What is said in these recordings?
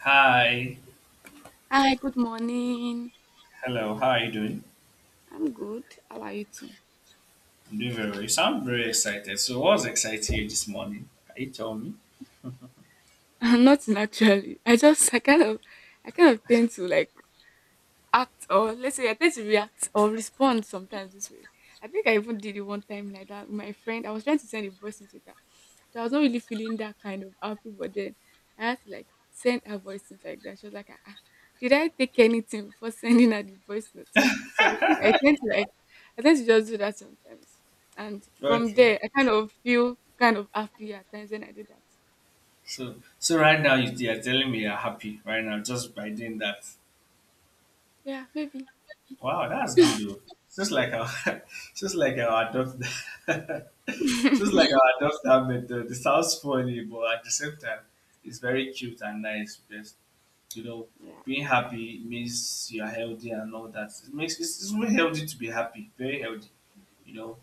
Hi. Hi, good morning. Hello. How are you doing? I'm good. How are you too? I'm doing very well. You sound very excited. So, what's exciting you this morning? Can you tell me? Nothing actually. I kind of tend to like act, or let's say I tend to react or respond sometimes this way. I think I even did it one time like that with my friend. I was trying to send a voice message. I was not really feeling that kind of happy, but then I had to like send her voice note like that. She was like, ah, ah, did I take anything before sending her the voice note? So I think I tend to like I tend to just do that sometimes. And from Okay. there I kind of feel kind of happy at times when I do that. So right now you are telling me you're happy right now just by doing that. Yeah, maybe. Wow, that's good, though. Just like our, just like our adult, yeah. just like our adult habit, though. It sounds funny, but at the same time, it's very cute and nice because you know being happy means you are healthy and all that. It's very healthy to be happy. Very healthy. you know,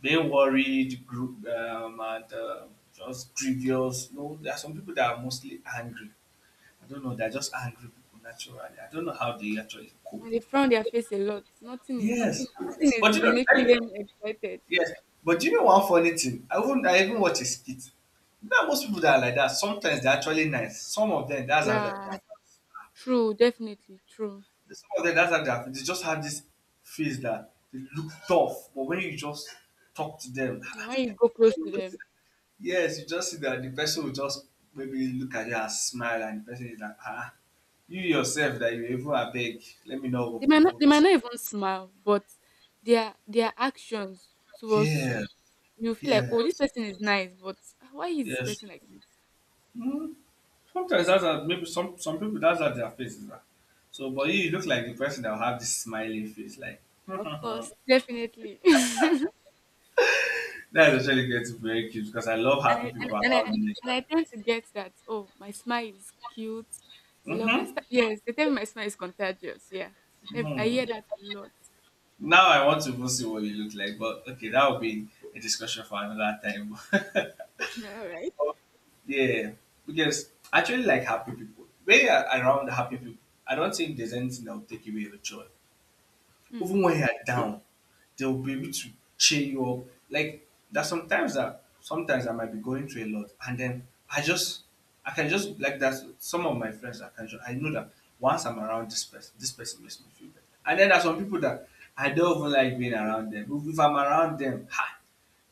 Being worried, group, and just grievous. There are some people that are mostly angry. I don't know, they're just angry people naturally. I don't know how they actually cope. And they frown their face a lot. Nothing is Yes. nothing But is making them excited. yes. But you know one funny thing? I even watch a skit. Most people that are like that, sometimes they're actually nice. Some of them, that's how they Yeah, are. True, definitely true. Some of them, that's how they are. They just have this face that they look tough, but when you just talk to them, Yeah, when you go close to them, yes, you just see that the person will just maybe look at you and smile, and the person is like, ah, you yourself that you even abeg, let me know over They might not provoke. they might not even smile, but their actions towards Yeah, you, you feel like, yeah, "Oh, this person is nice, but why is this yes. person like this?" Mm, Sometimes that's how, maybe some people, that's how their face is. Ah. So but you look like the person that will have this smiling face. Like Of course, definitely. That is actually gets very cute because I love happy I and, people and I around me. and I tend to get that, "Oh, my smile is cute. They love my Mm-hmm. smile." Yes, they tell me my smile is contagious. Yeah. I hear Mm-hmm. that a lot. Now I want to even see what you look like, but okay, that will be a discussion for another time. All right. Yeah, because I actually like happy people. When you're around happy people, I don't think there's anything that will take away your joy. Mm. Even when you're down, they'll be able to cheer you up. Like there's sometimes that sometimes I might be going through a lot, and then I can just like that. Some of my friends, I know that once I'm around this person makes me feel better. And then there's some people that I don't even like being around them. If I'm around them, ha,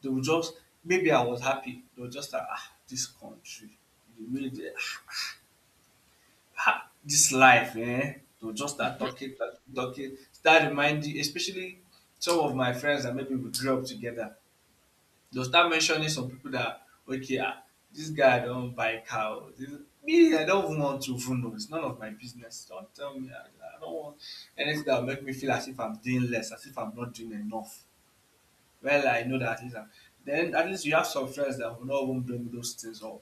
they will just, maybe I was happy, they'll just like, ah, this country, the way they, ah, ha! This life, eh? To just start talking, talking, start reminding, especially some of my friends that maybe we grew up together. They'll start mentioning some people that, okay, ah, this guy don't buy cow. Me, I don't even want to even know. It's none of my business. Don't tell me. I don't want anything that will make me feel as if I'm doing less, as if I'm not doing enough. Well, I know that is. Then at least you have some friends that will not even bring those things up,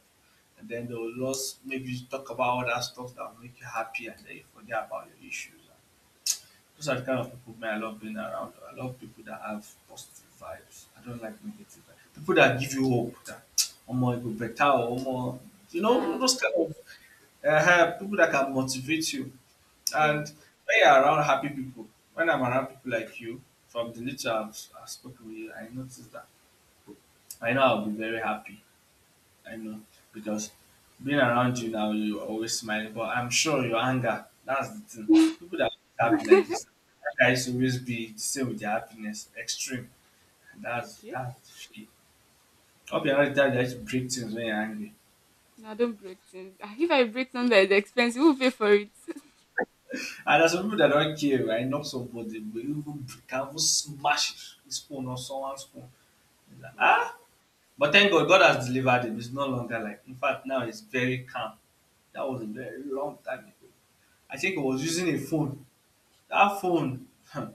and then they will just maybe talk about other stuff that will make you happy, and then you forget about your issues. Those are the kind of people me I love being around. I love people that have positive vibes. I don't like negative vibes. People that give you hope that, omo, it go better, or omo, you know, Yeah, those kind of people that can motivate you. And true. when you're around happy people, when I'm around people like you, from the little I've spoken with you, I notice that I know I'll be very happy. I know because being around you now, you always smiling, but I'm sure your anger, that's the thing. okay. People that are happy like this, anger is always be the same with their happiness, extreme. That's shit. Up your time they just break things when you're angry. No, don't break things. Ah, if I break something that is expensive, who will pay for it? And there's some people that don't care, right? Knock somebody, but you even can even smash his phone or someone's phone. It's like, Wow. ah! But thank God, God has delivered him. It's no longer like, in fact, now it's very calm. That was a very long time ago. I think he was using a phone davon. Hm.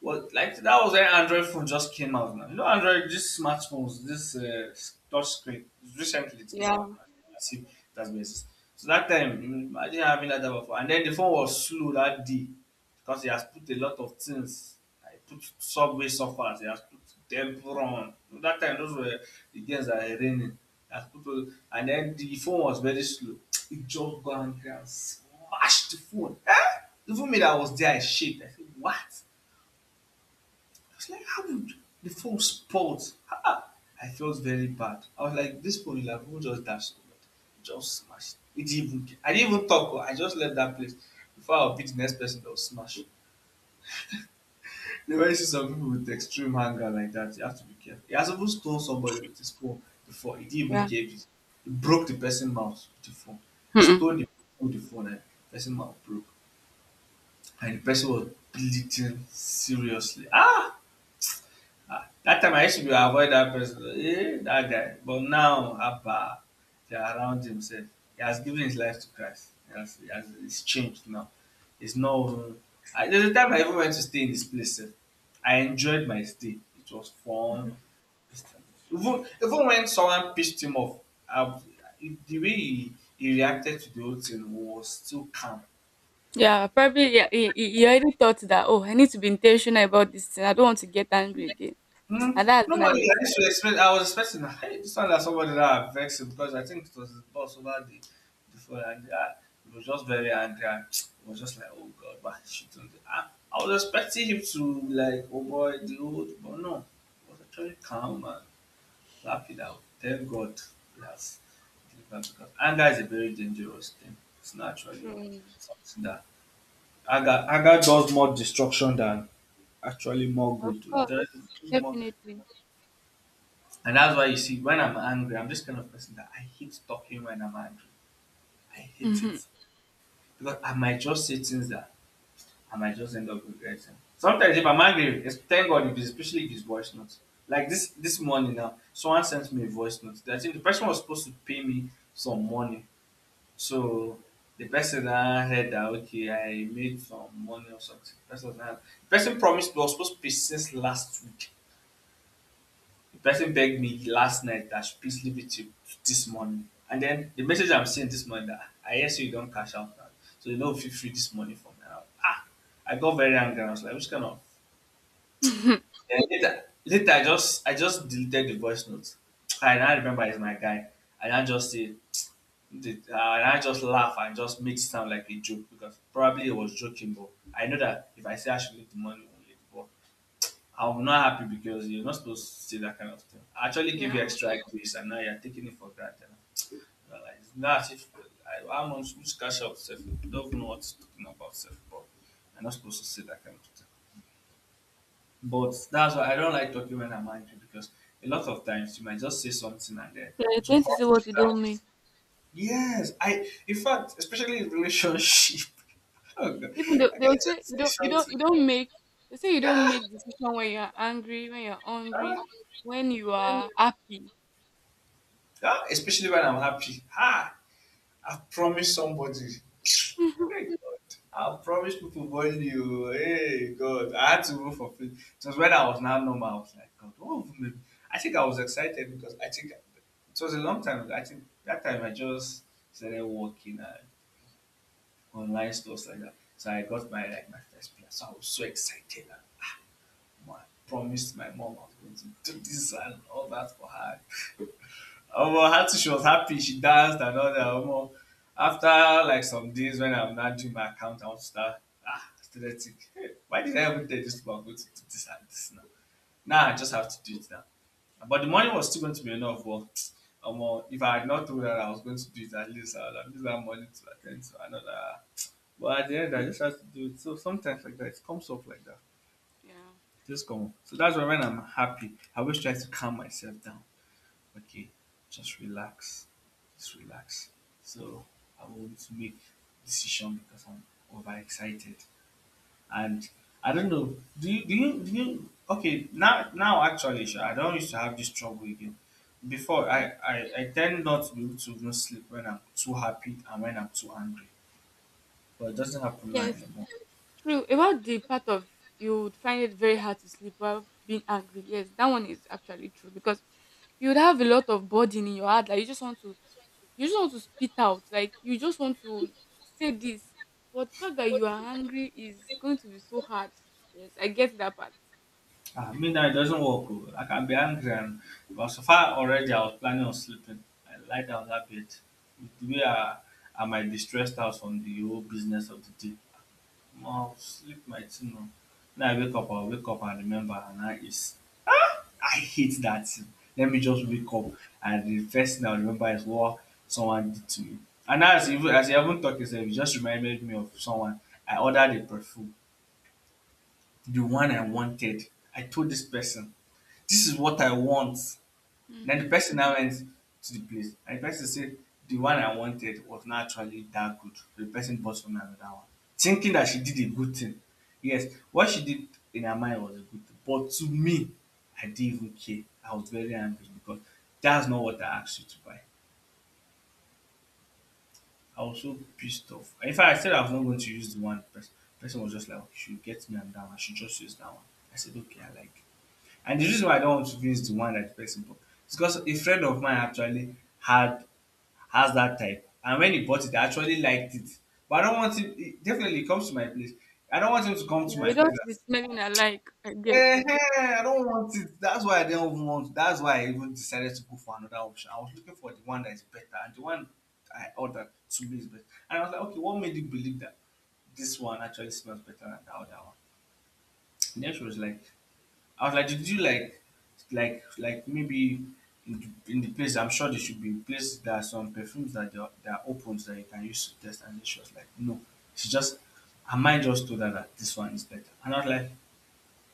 Well, like that was when Android phone just came out now. You know, Android, these smartphones, this touch screen, recently it came out Yeah. now. As if it has been exist-. So that time, imagine having that type of phone. And then the phone was slow that day because he has put a lot of things. I put Subway Surfers, he has put Temple Run. That time, those were the games that were raining. He has put, all-, and then the phone was very slow. It just got angry and smashed the phone. Eh? Even me that was there, I shaked. I said, what? I was like, how would the phone spot? Ah, I felt very bad. I was like, this phone is like who just dashed over it, just smashed. It didn't even care. I didn't even talk. Oh, I just left that place before I'll be the next person that was smashed it. When you see some people with extreme anger like that, you have to be careful. He has even stole somebody with his phone before. He didn't even Yeah. care if it he broke the person's mouth with the phone. He Mm-mm. stole the with the phone and the person's mouth broke. And the person was bleeding seriously. Ah! Ah, that time I used to be avoid that person. Eh, that guy. But now, Abba, they are around himself. He has given his life to Christ. It's changed now. It's no. There's a time I even went to stay in this place, sef. I enjoyed my stay. It was fun. This time. Even when someone pissed him off, I, the way he reacted to the whole thing was still calm. Yeah, probably, yeah, he already thought that, oh, I need to be intentional about this thing. I don't want to get angry again. And that's Normally, I nice. used to expect. I was expecting that, hey, this one that somebody that I vexed him, because I think it was his boss over the before, and he was just very angry. And it was just like, oh God, why she doing this? I was expecting him to be like, oh boy, the old, but no, he was actually calm and happy that thank God he has delivered, because anger is a very dangerous thing. It's not actually True. something that anger does more destruction than actually more Of good. It course. does it does more. Definitely. And that's why you see, when I'm angry, I'm this kind of person that I hate talking when I'm angry. I hate Hmm. it. Because I might just say things that I might just end up regretting. Sometimes if I'm angry, it's, thank God, if it's, especially if it's voice notes. Like this morning now, someone sent me a voice note. I think the person was supposed to pay me some money. So the person now heard that, okay, I made some money or something. The person promised, was supposed to pay since last week. The person begged me last night that I should please leave it to this morning. And then the message I'm seeing this morning that I hear say you don't cash out now. So you know feel free this morning for me. And ah, I got very angry. I was like, which kind of, then later I just deleted the voice note. I now remember it's my guy. And I now just say and I just laugh and just make it sound like a joke, because probably he was joking, but I know that if I say I should leave the money, I won't leave. But I'm not happy because you're not supposed to say that kind of thing. I actually give yeah. you extra grace, and now you're taking it for granted. You're like, it's not as if I'm on which cash out self. You don't even know what's talking about self, but you're not supposed to say that kind of thing. But that's why I don't like talking when I'm angry, because a lot of times you might just say something and then Yeah, you it will tend to say hurt the what you other don't mean. person. Yes, I. In fact, especially in relationship. Oh God, Even though I they can will say you just say don't you don't something. you don't make they say you Yeah. don't make decision when you're angry, when you're hungry, Ah, when you are happy. yeah, especially when I'm happy. Ha! I've promised somebody. Hey, God. I've promised people money. You. Hey, God. I had to go for free. It was when I was now normal. I was like, God, what have you made? I think I was excited because I think it was a long time ago. I think that time I just started working at online stores like that. So I got my first place. So I was so excited. And, I promised my mom I was going to do this and all that for her. Omo Hatu, she was happy, she danced and all that, omo. After like some days when I'm not doing my account, I want to start ah aesthetic why did I even tell this people I'm going to do this and this now? Now I just have to do it now. But the money was still going to be enough, but omo, if I had not told her I was going to do it, at least I would have used that money to attend. Ten d to another, but at the end I just have to do it. So sometimes like that, it comes up like that. yeah. E just come up. So that's why when I'm happy I always try to calm myself down. Okay, just relax, just relax. So I want to make decision because I'm overexcited. And I don't know, do you okay, now actually sha, I don't used to have this trouble again. Before Okay. I tend not to be able to even sleep when I'm too happy and when I'm too angry. So, But it doesn't happen now yes. anymore. True. About the part of you would find it very hard to sleep while being angry. Yes, that one is actually true because you would have a lot of burden in your heart that you just want to spit out. Like, you just want to say this. But the fact that you are angry is going to be so hard. Yes, I get that part. Ah, midnight doesn't work, oh. I can be angry, and because so far already I was planning on sleeping. I lie down that bit. With the way I might be stressed out from the whole business of the day. I'll sleep my thing now. Now I wake up, I'll wake up and remember, and I is, I hate that thing. Let me just wake up and the first thing I remember is what someone did to me. And now as you, even as you haven't talked yourself, you just reminded me of someone. I ordered a perfume, the one I wanted. I told this person, this is what I want. And then the Mm-hmm. person now went to the place and the person said the one I wanted was not actually that good. So the person bought from me another one. Thinking that she did a good thing. Yes, what she did in her mind was a good thing. But to me, I didn't even care. I was very angry because that's not what I asked you to buy. I was so pissed off. In fact, I said I was not going to use the one person. The person was just like, okay, she will get me another one. She just used that one. I said, okay, I like it. And the reason why I don't want to do the one that person bought, it's because a friend of mine actually had, has that type. And when he bought it, I actually liked it. But I don't want him, he definitely comes to my place. I don't want him to come to Yeah, my you place don't be smelling alike. I get. and say, eh, I don't want it. That's why I didn't even want, that's why I even decided to go for another option. I was looking for the one that is better. And the one I ordered to me is better. And I was like, okay, what made you believe that this one actually smells better than the other one? And then she was like, I was like, did you like maybe in the place? I'm sure there should be place. There are some perfumes that they are opens that you can use to test. And she was like, no, she just her mind just told her that this one is better. And I was like,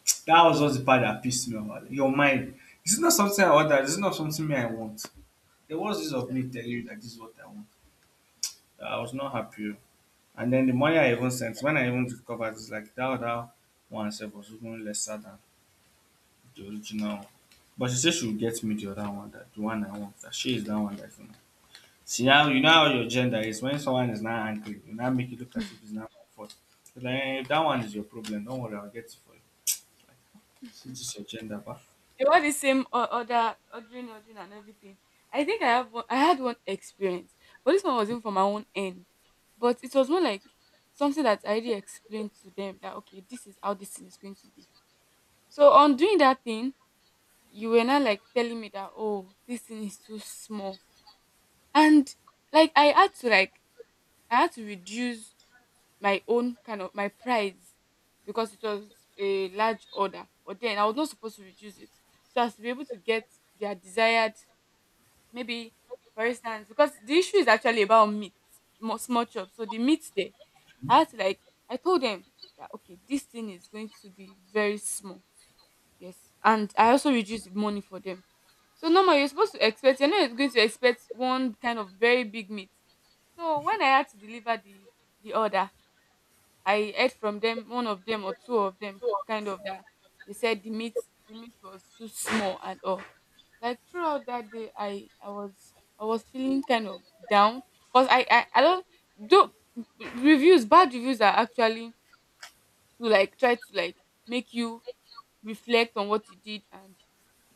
that was just the part that pissed me off. I was like, your mind, this is not something I ordered. This is not something me I want. There was this of me telling you that this is what I want. I was not happy, oh. And then the money I even sent, when I even discovered, it's like that other one itself was even lesser than the original one. But she say she will get me the other one, that the one I want. That she is that one that you know. See how you know how your gender is. When someone is not angry, you now make it look as if it's not my fault. You're like, eh, that one is your problem. Don't worry, I'll get it for you. Like, see, this is your gender, but They wore the same order, ordering, and everything. I think I had one experience, but this one wasn't from my own end. But it was more like something that I already explained to them that okay, this is how this thing is going to be. So on doing that thing, you were not like telling me that, oh, this thing is too small, and like I had to like I had to reduce my own kind of my price because it was a large order. But then I was not supposed to reduce it so as to be able to get their desired. Maybe, for instance, because the issue is actually about meat, small chops. So the meat there, I had to like, I told them that, okay, this thing is going to be very small. Yes. And I also reduced the money for them. So normally you're not going to expect one kind of very big meat. So when I had to deliver the order, I heard from them, one of them or two of them, kind of that they said the meat was too small and all. Like, throughout that day I was feeling kind of down because I don't do reviews. Bad reviews are actually to like try to like make you reflect on what you did and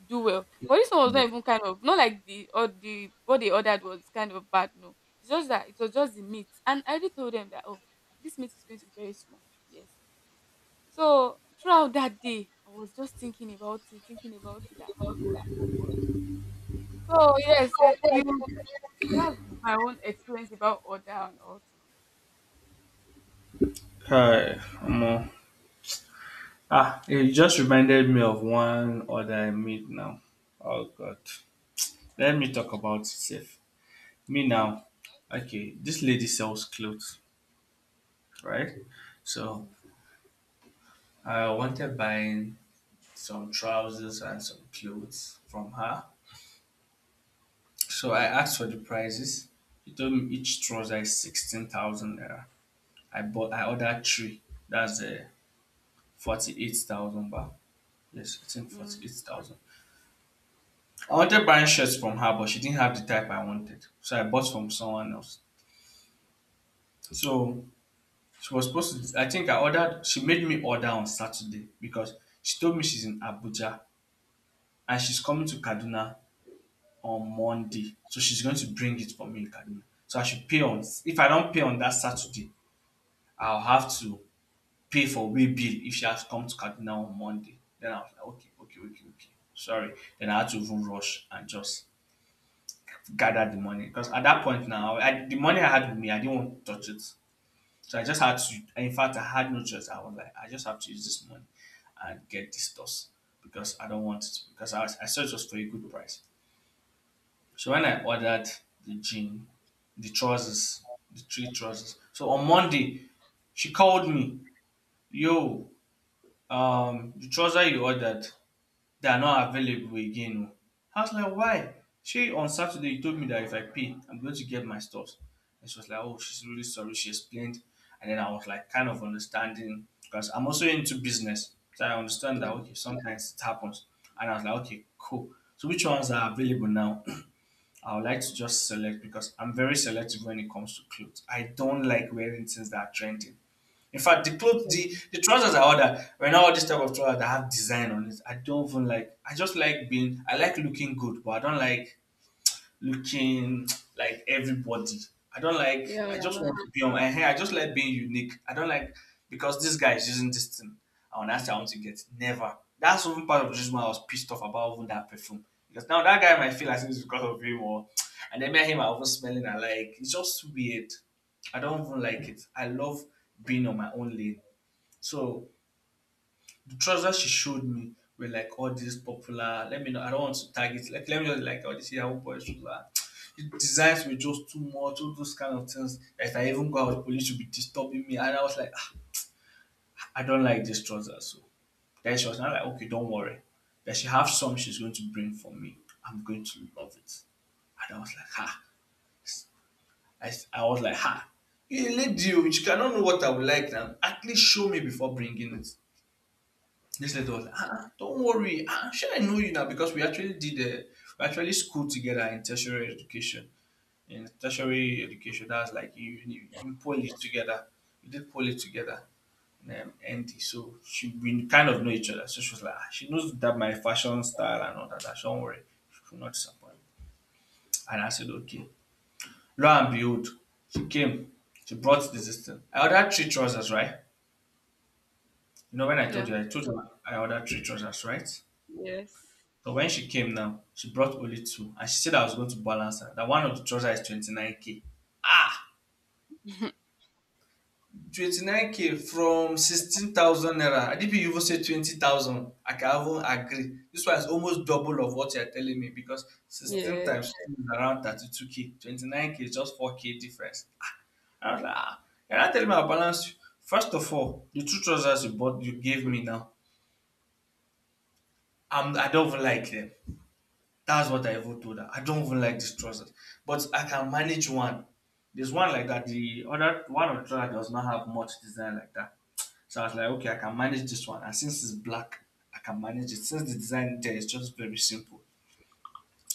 do well, but this one was yeah. not even kind of, not like the or the what they ordered was kind of bad. No, it's just that it was just the meat, and I already told them that, oh, this meat is going to be very small. Yes. So throughout that day I was just thinking about it, thinking about it that, oh, god. So yes, eh, you that's my own experience about order and all too. Hi, omo. Ah, it just reminded me of one other I made now. Oh God, let me talk about it safe. Me Okay. now. Okay, this lady sells clothes, right? So Mm. I wanted buying some trousers and some clothes from her. So I asked for the prices. She told me each trouser is 16,000 naira. I ordered three. That's 48,000 baht. Yes, I think forty Mm. eight thousand. I wanted buying shirts from her, but she didn't have the type I wanted. So I bought from someone else. So she was supposed to, I think I ordered, she made me order on Saturday because she told me she's in Abuja and she's coming to Kaduna on Monday. So she's going to bring it for me in Kaduna. So I should pay on, if I don't pay on that Saturday, I'll have to pay for way bill if she has to come to Kaduna on Monday. Then I was like, okay. Sorry. Then I had to even rush and just gather the money because at that point now, I, the money I had with me, I didn't want to touch it. So I just had to. In fact, I had no choice. I was like, I just have to use this money and get this dust because I don't want it. Because I saw it was for a good price. So when I ordered the jean, the trousers, the three trousers. So on Monday, she called me, yo, the trousers you ordered, they are not available again, oh. I was like, why? She, on Saturday you told me that if I pay, I'm going to get my stuff. And she was like, oh, she's really sorry. She explained. And then I was like kind of understanding because I'm also into business. So I understand Yeah. that okay, sometimes it happens. And I was like, okay, cool. So which ones are available now? I would like to just select because I'm very selective when it comes to clothes. I don't like wearing things that are trending. In fact, the clothes, the trousers I order, right now all this type of trousers that have design on it, I don't even like. I just like being, I like looking good, but I don't like looking like everybody. I don't like. Yeah. I Yeah. just want to be on my hair. I just like being unique. I don't like because this guy is using this thing. I want to ask, I want to get it, never. That's one part of the reason why I was pissed off about even that perfume because now that guy might feel as if it's because of him or, and then met him. I was smelling. I like, it's just weird. I don't even like it. I love being on my own lane. So the trousers she showed me were like all these popular. Let me know. I don't want to tag it. Like let me know, like all these Yahoo boys shoes are. The designs were just too much. All those kind of things. If I even go out, police should be disturbing me. And I was like, ah, I don't like these trousers. So then she was not like, okay, don't worry. That she have some she's going to bring for me. I'm going to love it. And I was like, ha. I was like, ha. You lady, oh, you cannot know what I would like now. At least show me before bringing it. This lady was like, ah, don't worry. Ah, sure, I know you now because we actually schooled together in tertiary education. In tertiary education, that's like you in poly together. We did poly together. And so she, we kind of know each other. So she was like, ah, she knows that my fashion style and all that, that don't worry, she will not disappoint. And I said, okay. Lo and behold, she came. She brought this system. I ordered three trousers, right? You know when I told Yeah. you, I told you I ordered three trousers, right? Yes. But when she came now, she brought only two, and she said I was going to balance her. That one of the trousers is 29 k. Ah, 29 k from 16,000 naira. I Adipi you even say 20,000. I can even agree. This one is almost double of what you are telling me because 16 yes. times two is around 32 k. 29 k is just 4 k difference. I was like, you're not telling me I balance you. First of all, the two trousers you bought, you gave me now, I don't even like them. That's what I even told her. I don't even like this trousers, but I can manage one. There's one like that. The other one of the trousers does not have much design like that. So I was like, okay, I can manage this one. And since it's black, I can manage it. Since the design there is just very simple.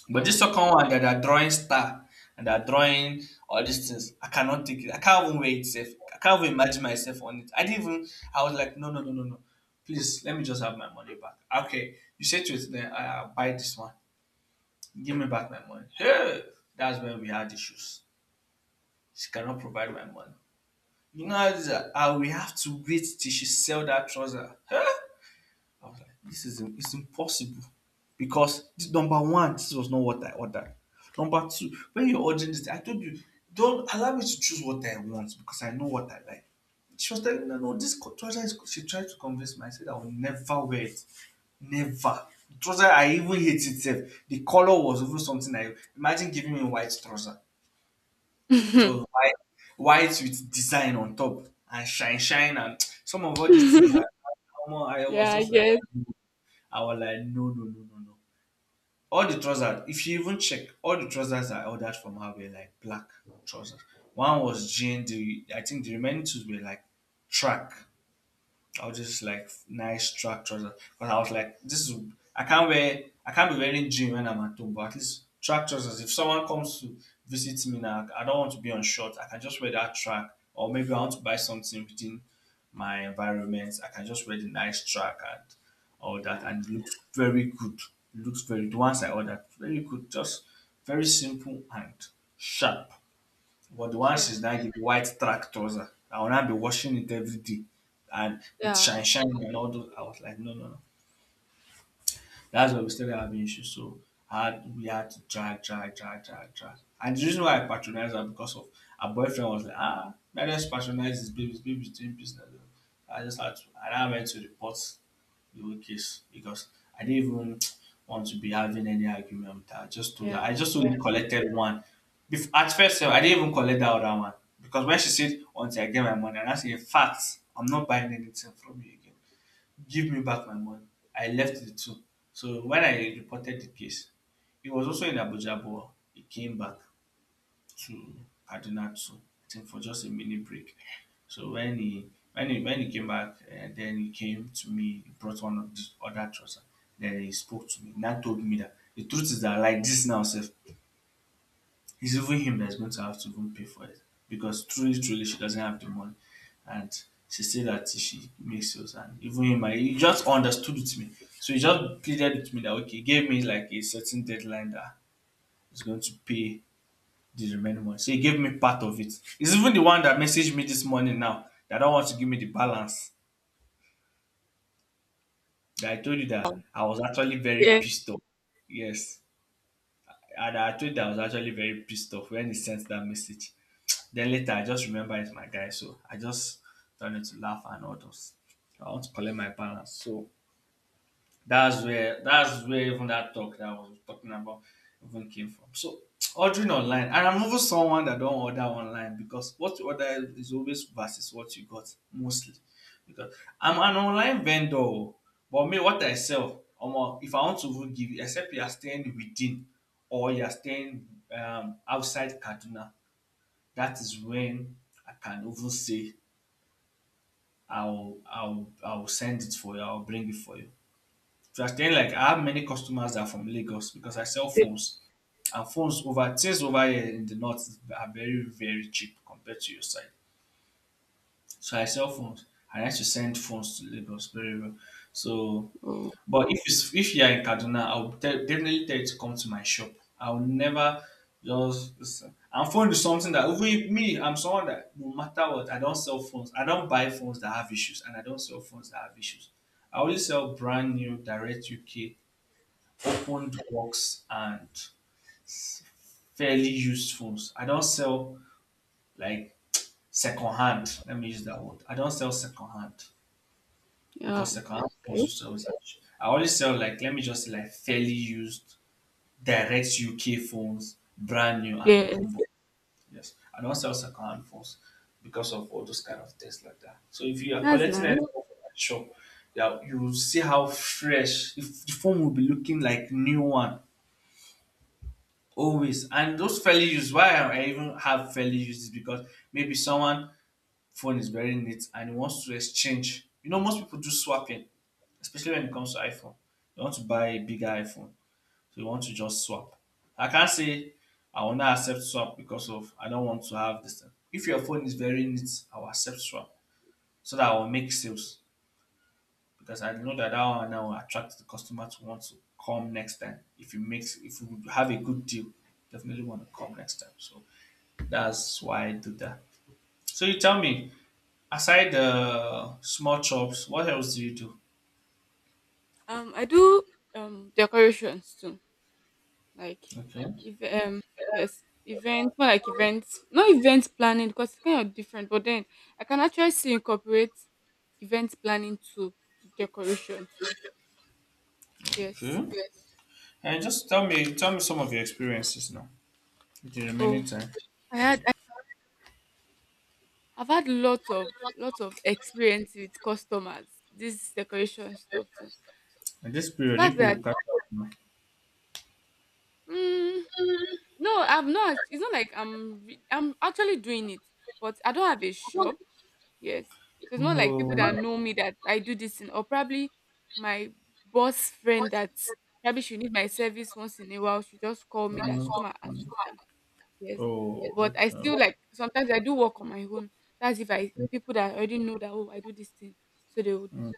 But Yeah. this second one that they're drawing star and they're drawing all these things, I cannot take it. I can't even wear it safe. I can't even imagine myself on it. I didn't even, I was like, no, no, no, no, no. Please, let me just have my money back. Okay, you said to it, then I'll buy this one. Give me back my money. Hey! That's when we had issues. She cannot provide my money. You know how, how we have to wait till she sell that trouser. Hey! I was like, this is it's impossible because this, number one, this was not what I ordered. Number two, when you're ordering this, I told you, don't allow me to choose what I want because I know what I like. She was telling me, no, no, this trouser is. She tried to convince me. I said, I will never wear it. Never. The trouser, I even hate itself. The color was even something I. Imagine giving me a white trouser. It was white, white with design on top and shine, shine, and some of all these things that. Omo, yeah, yes. I was like, no, no, no, no, no. All the trousers, if you even check, all the trousers I ordered from her were like black trousers. One was jean, the I think the remaining two were like track I was just like nice track trousers. Because I was like, this is I can't wear I can't be wearing jean when I'm at home, but at least track trousers. If someone comes to visit me now, I don't want to be on short. I can just wear that track. Or maybe I want to buy something within my environment. I can just wear the nice track and all that Yeah. and it looks very good. It looks very the ones I ordered. Very good. Just very simple and sharp. But the one True. she's now the white track trouser, I will not be washing it every day and with Yeah. shine shine True. and all those. I was like, no, no, no. That's why we started having issues. So we had to drag, drag, drag, drag, drag. And the reason why I patronized her because of her boyfriend was like, that just patronize his baby, his baby's doing business. I just had to, and I went to report your case because I didn't even want to be having any argument with her. I just told her. I Yeah, I just only guess. collected one. At first, sef, I didn't even collect that other one because when she said, "Until I get my money," and I said, "In fact, I'm not buying anything from you again. Give me back my money." I left the two. So when I reported the case, he was also in Abuja, but he came back to Kaduna to I think for just a mini break. So when he came back and then he came to me, he brought one of the other trousers. Then he spoke to me. Now told me that the truth is that like this now, self, it's even him that's going to have to even pay for it because truly, truly, she doesn't have the money, and she said that she makes yours. And even him, he just understood with me. So he just pleaded with me that okay, he gave me like a certain deadline that he's going to pay the remaining money. So he gave me part of it. It's even the one that messaged me this morning now that don't want to give me the balance. That I told you that I was actually very Yeah. pissed off. Yes. And I told you that I was actually very pissed off when he sent that message. Then later I just remember it's my guy, so I just turned it to laugh and all those. I want to collect my balance. So that's where even that talk that I was talking about even came from. So ordering online, and I'm even someone that don't order online because what you order is always versus what you got mostly. Because I'm an online vendor, o, but me what I sell, omo, if I want to even give you, except you are staying within or you are staying outside Kaduna, that is when I can even say I'll send it for you, I'll bring it for you. So I was telling like I have many customers that are from Lagos because I sell phones. And phones over things over here in the north are very, very cheap compared to your side. So I sell phones. I like to send phones to Lagos very well. So Oh. but if you are in Kaduna, definitely tell you to come to my shop. I'll never just listen. And phone is something that even if me, I'm someone that no matter what, I don't sell phones. I don't buy phones that have issues and I don't sell phones that have issues. I only sell brand new direct UK opened works and fairly used phones. I don't sell like second hand. Let me use that word. I don't sell second hand Yeah. because second hand Okay. phones used to always. I always sell like let me just say like fairly used direct UK phones, brand new and open Yes. box. Yes, I don't sell second hand phones because of all those kind of things like that. So if you are That's collecting nice. anything from that shop, yeah, you will see how fresh if the phone will be looking like new one. Always. And those fairly used, why I even have fairly used is because maybe someone phone is very neat and he wants to exchange. You know, most people do swapping, especially when it comes to iPhone. You want to buy a bigger iPhone, so you want to just swap. I can't say I will not accept swap because of I don't want to have this thing. If your phone is very neat, I will accept swap so that I will make sales because I know that that one now will attract the customer to want to come next time. If you have a good deal, definitely want to come next time. So that's why I do that. So you tell me, aside the small chops, what else do you do? I do decorations too. Like, Okay. if, yes, events, more like events, not event planning because it's kind of different, but then I can actually see incorporate event planning to decoration too. Yes. Okay. And just tell me, some of your experiences now. With the remaining Oh, time. i had I, I've had lots of experience with customers, this decoration stuff too. At this The period, fact people that, will catch up now. mm, no, I'm not it's not like I'm actually doing it, but I don't have a shop. Yes. So it's not Not. like people that Oh. know me that I do this thing, or probably my boss friend that probably she need my service once in a while. She just call me Mm, that she come and mm. assist her. Yes. Oh. But I Okay. still like sometimes I do work on my own. That's if I get people that already know that, oh, I do this thing. So they would Mm,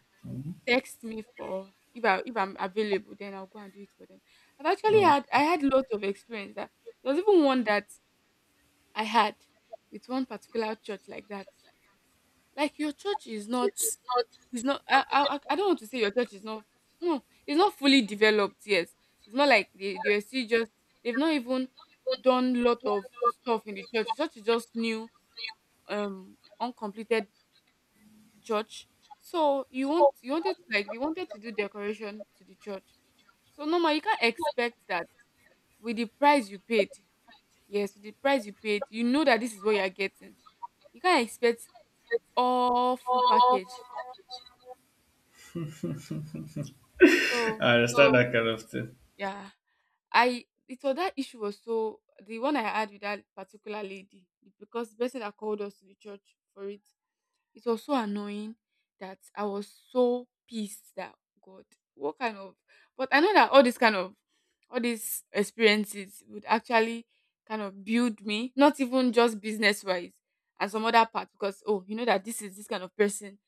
text me for if I'm available, then I'll go and do it for them. I've actually mm. had lots of experience. That there was even one that I had with one particular church like that. Like, your church is not, it's not— I don't want to say your church is not. No, it's not fully developed yet. It's not like they are still just— they've not even done lot of stuff in the church. The church is just new, uncompleted church. So you wanted to, like they wanted to do decoration to the church. So normal, you can't expect that with the price you paid. Yes, with the price you paid, you know that this is what you are getting. You can't expect all full package. So I understand that kind of thing. yeah. I it was That issue was, so the one I had with that particular lady, because the person that called us to the church for it, it was so annoying that I was so pissed that, God, what kind of— but I know that all these experiences would actually kind of build me, not even just business wise, and some other part, because, oh, you know that this is this kind of person,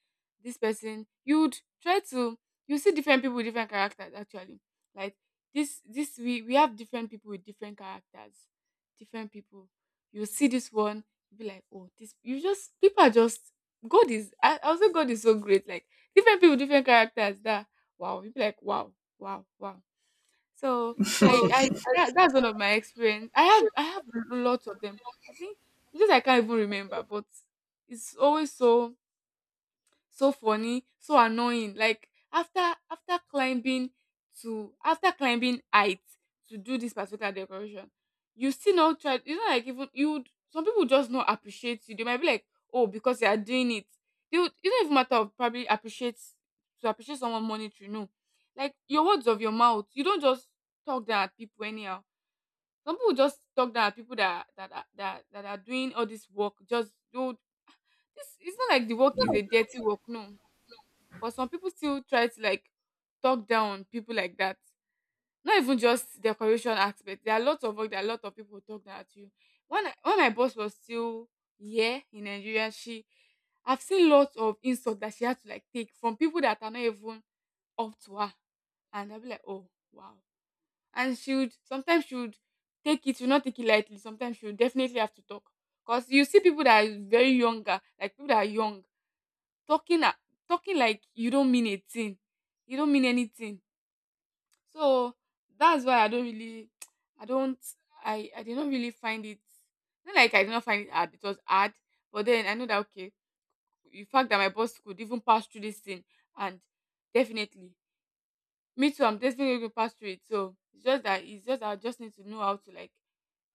this person you'd try to you see different people with different characters actually. Like, this we have different people with different characters, different people. You see this one, you be like, oh, this you just people are just— God is— I also God is so great. Like, different people, different characters. That, wow, you be like, wow, wow, wow. So I I that's one of my experience. I have lots of them. I think it's just I can't even remember, but it's always so, so funny, so annoying. Like, after climbing after climbing heights to do this particular decoration, you still not try. You know, like even you. Some people just not appreciate you. They might be like, oh, because they are doing it. It don't even matter of probably appreciate to appreciate someone monetary. No, like, your words of your mouth, you don't just talk down at people anyhow. Some people just talk down at people that are doing all this work. Just do this. It's not like the work is a dirty work. No. But some people still try to like talk down on people like that. Not even just decoration aspect. There are lots of work that a lot of people talk down at you. When my boss was still here in Nigeria, she I've seen lots of insults that she had to like take from people that are not even up to her. And I'll be like, oh, wow. And she would sometimes she would take it, she would not take it lightly. Sometimes she would definitely have to talk. Because you see people that are very younger, like people that are young, talking a- talking like you don't mean a thing, you don't mean anything. So that's why I don't really I don't I did not really find it— not like I did not find it hard, it was hard, but then I know that, okay, the fact that my boss could even pass through this thing, and definitely me too, I'm definitely going to pass through it. So it's just I just need to know how to, like,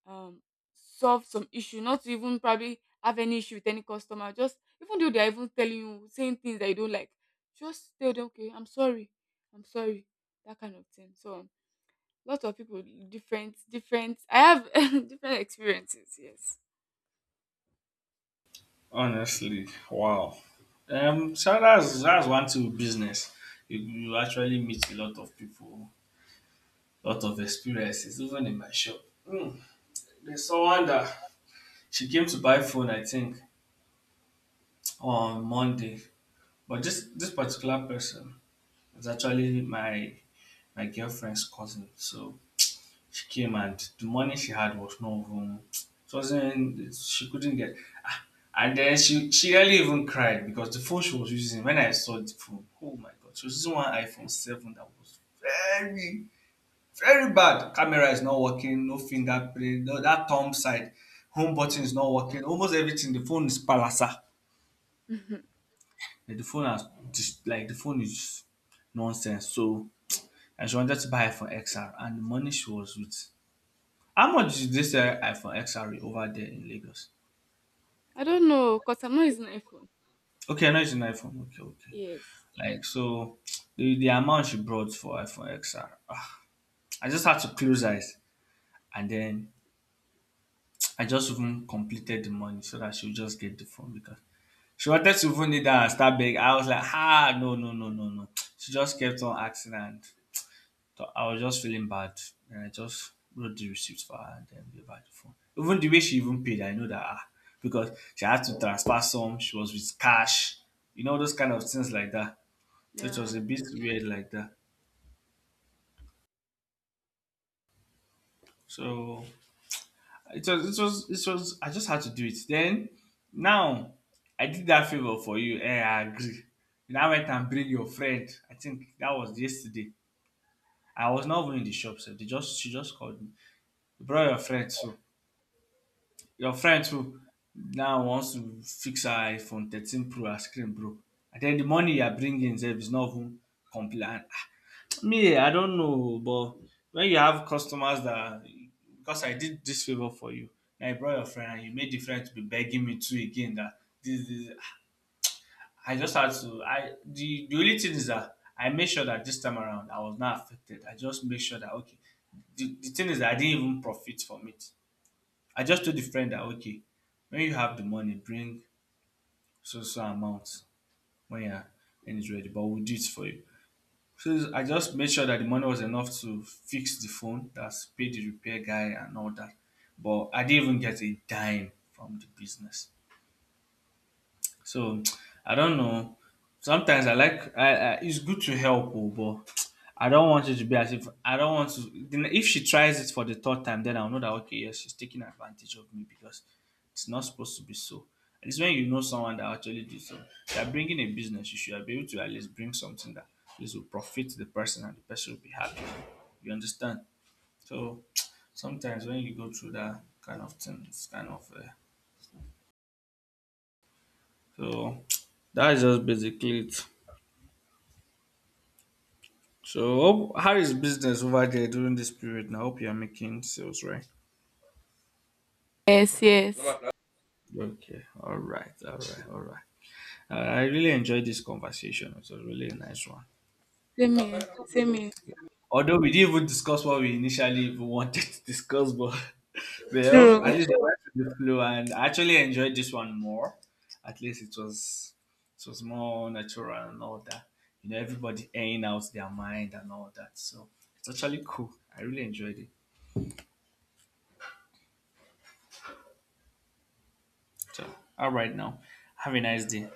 um, solve some issue, not to even probably have any issue with any customer. Just even though they are even telling you, saying things that you don't like, just tell them, okay, I'm sorry, that kind of thing. So, lots of people, different, different. I have different experiences. Yes. Honestly, wow. So that's one thing with business. You actually meet a lot of people, a lot of experiences, even in my shop. Hmm. There's someone that she came to buy phone, I think, on Monday. But this Mhm. this particular person is actually my girlfriend's cousin. So she came and the money she had was not even it wasn't she couldn't get ah, and then she really even cried because the phone she was using when I saw the phone, oh my god, she was using one iPhone 7 that was very, very bad. Camera is not working, no fingerprint, no that thumb side, home button is not working, almost everything. The phone is palasa. Yeah. Like, the phone is nonsense. So and she wanted to buy iPhone XR and the money she was with. How much is this iPhone XRE over there in Lagos? I don't know, cause I'm not using iPhone. Okay, I know it's an iPhone. Okay, okay. Yes. Like so, the amount she brought for iPhone XR, I just had to close eyes and then I just even completed the money so that she would just get the phone because she wanted to even need that and start begging. I was like, no, no, no, no, no. She just kept on asking and so I was just feeling bad and I just wrote the receipt for her and then gave her the phone. Even the way she even paid, I know that because she had to transfer some, she was with cash, those kind of things like that. So it was Yeah. a bit weird like that. So I just had to do it. Then now I did that favor for you. I agree. You now went and bring your friend. I think that was yesterday. I was not even in the shop, so they just she just called me. You brought your friend too. Your friend too now wants to fix her iphone 13 pro, her screen broke. And then the money you are bringing sef is not even complete and me I don't know, but when you have customers that because I did this favour for you and you brought your friend and you made the friend to be begging me too again that this dis I just had to I the only thing is that I made sure that this time around I was not affected. I just made sure that okay, the thing is dat I didn't even profit from it. I just told the friend that okay, when you have the money, bring so so amount when you're when it's ready, but we'll do it for you. So I just made sure that the money was enough to fix the phone, that's pay the repair guy and all that. But I didn't even get a dime from the business. So I don't know. Sometimes I like I it's good to help, oh, but I don't want it to be as if I don't want to. Then if she tries it for the third time, then I'll know that okay, yes, she's taking advantage of me because it's not supposed to be so. And it's when you know someone that actually did so. If you're bringing a business, you should be able to at least bring something that at least will profit the person and the person will be happy. You understand? So sometimes when you go through that kind of thing, it's kind of. So that's just basically it. So, how is business over there during this period? Now, I hope you are making sales, right? Yes. Yes. Okay. All right. All right. All right. I really enjoyed this conversation. It was really a really nice one. Same here. Same here. Although we didn't even discuss what we initially even wanted to discuss, but well, at True. least we went with the flow, and I actually enjoyed this one more. At least it was more natural and all that. You know, everybody airing out their mind and all that. So it's actually cool. I really enjoyed it. So, all right now. Have a nice day.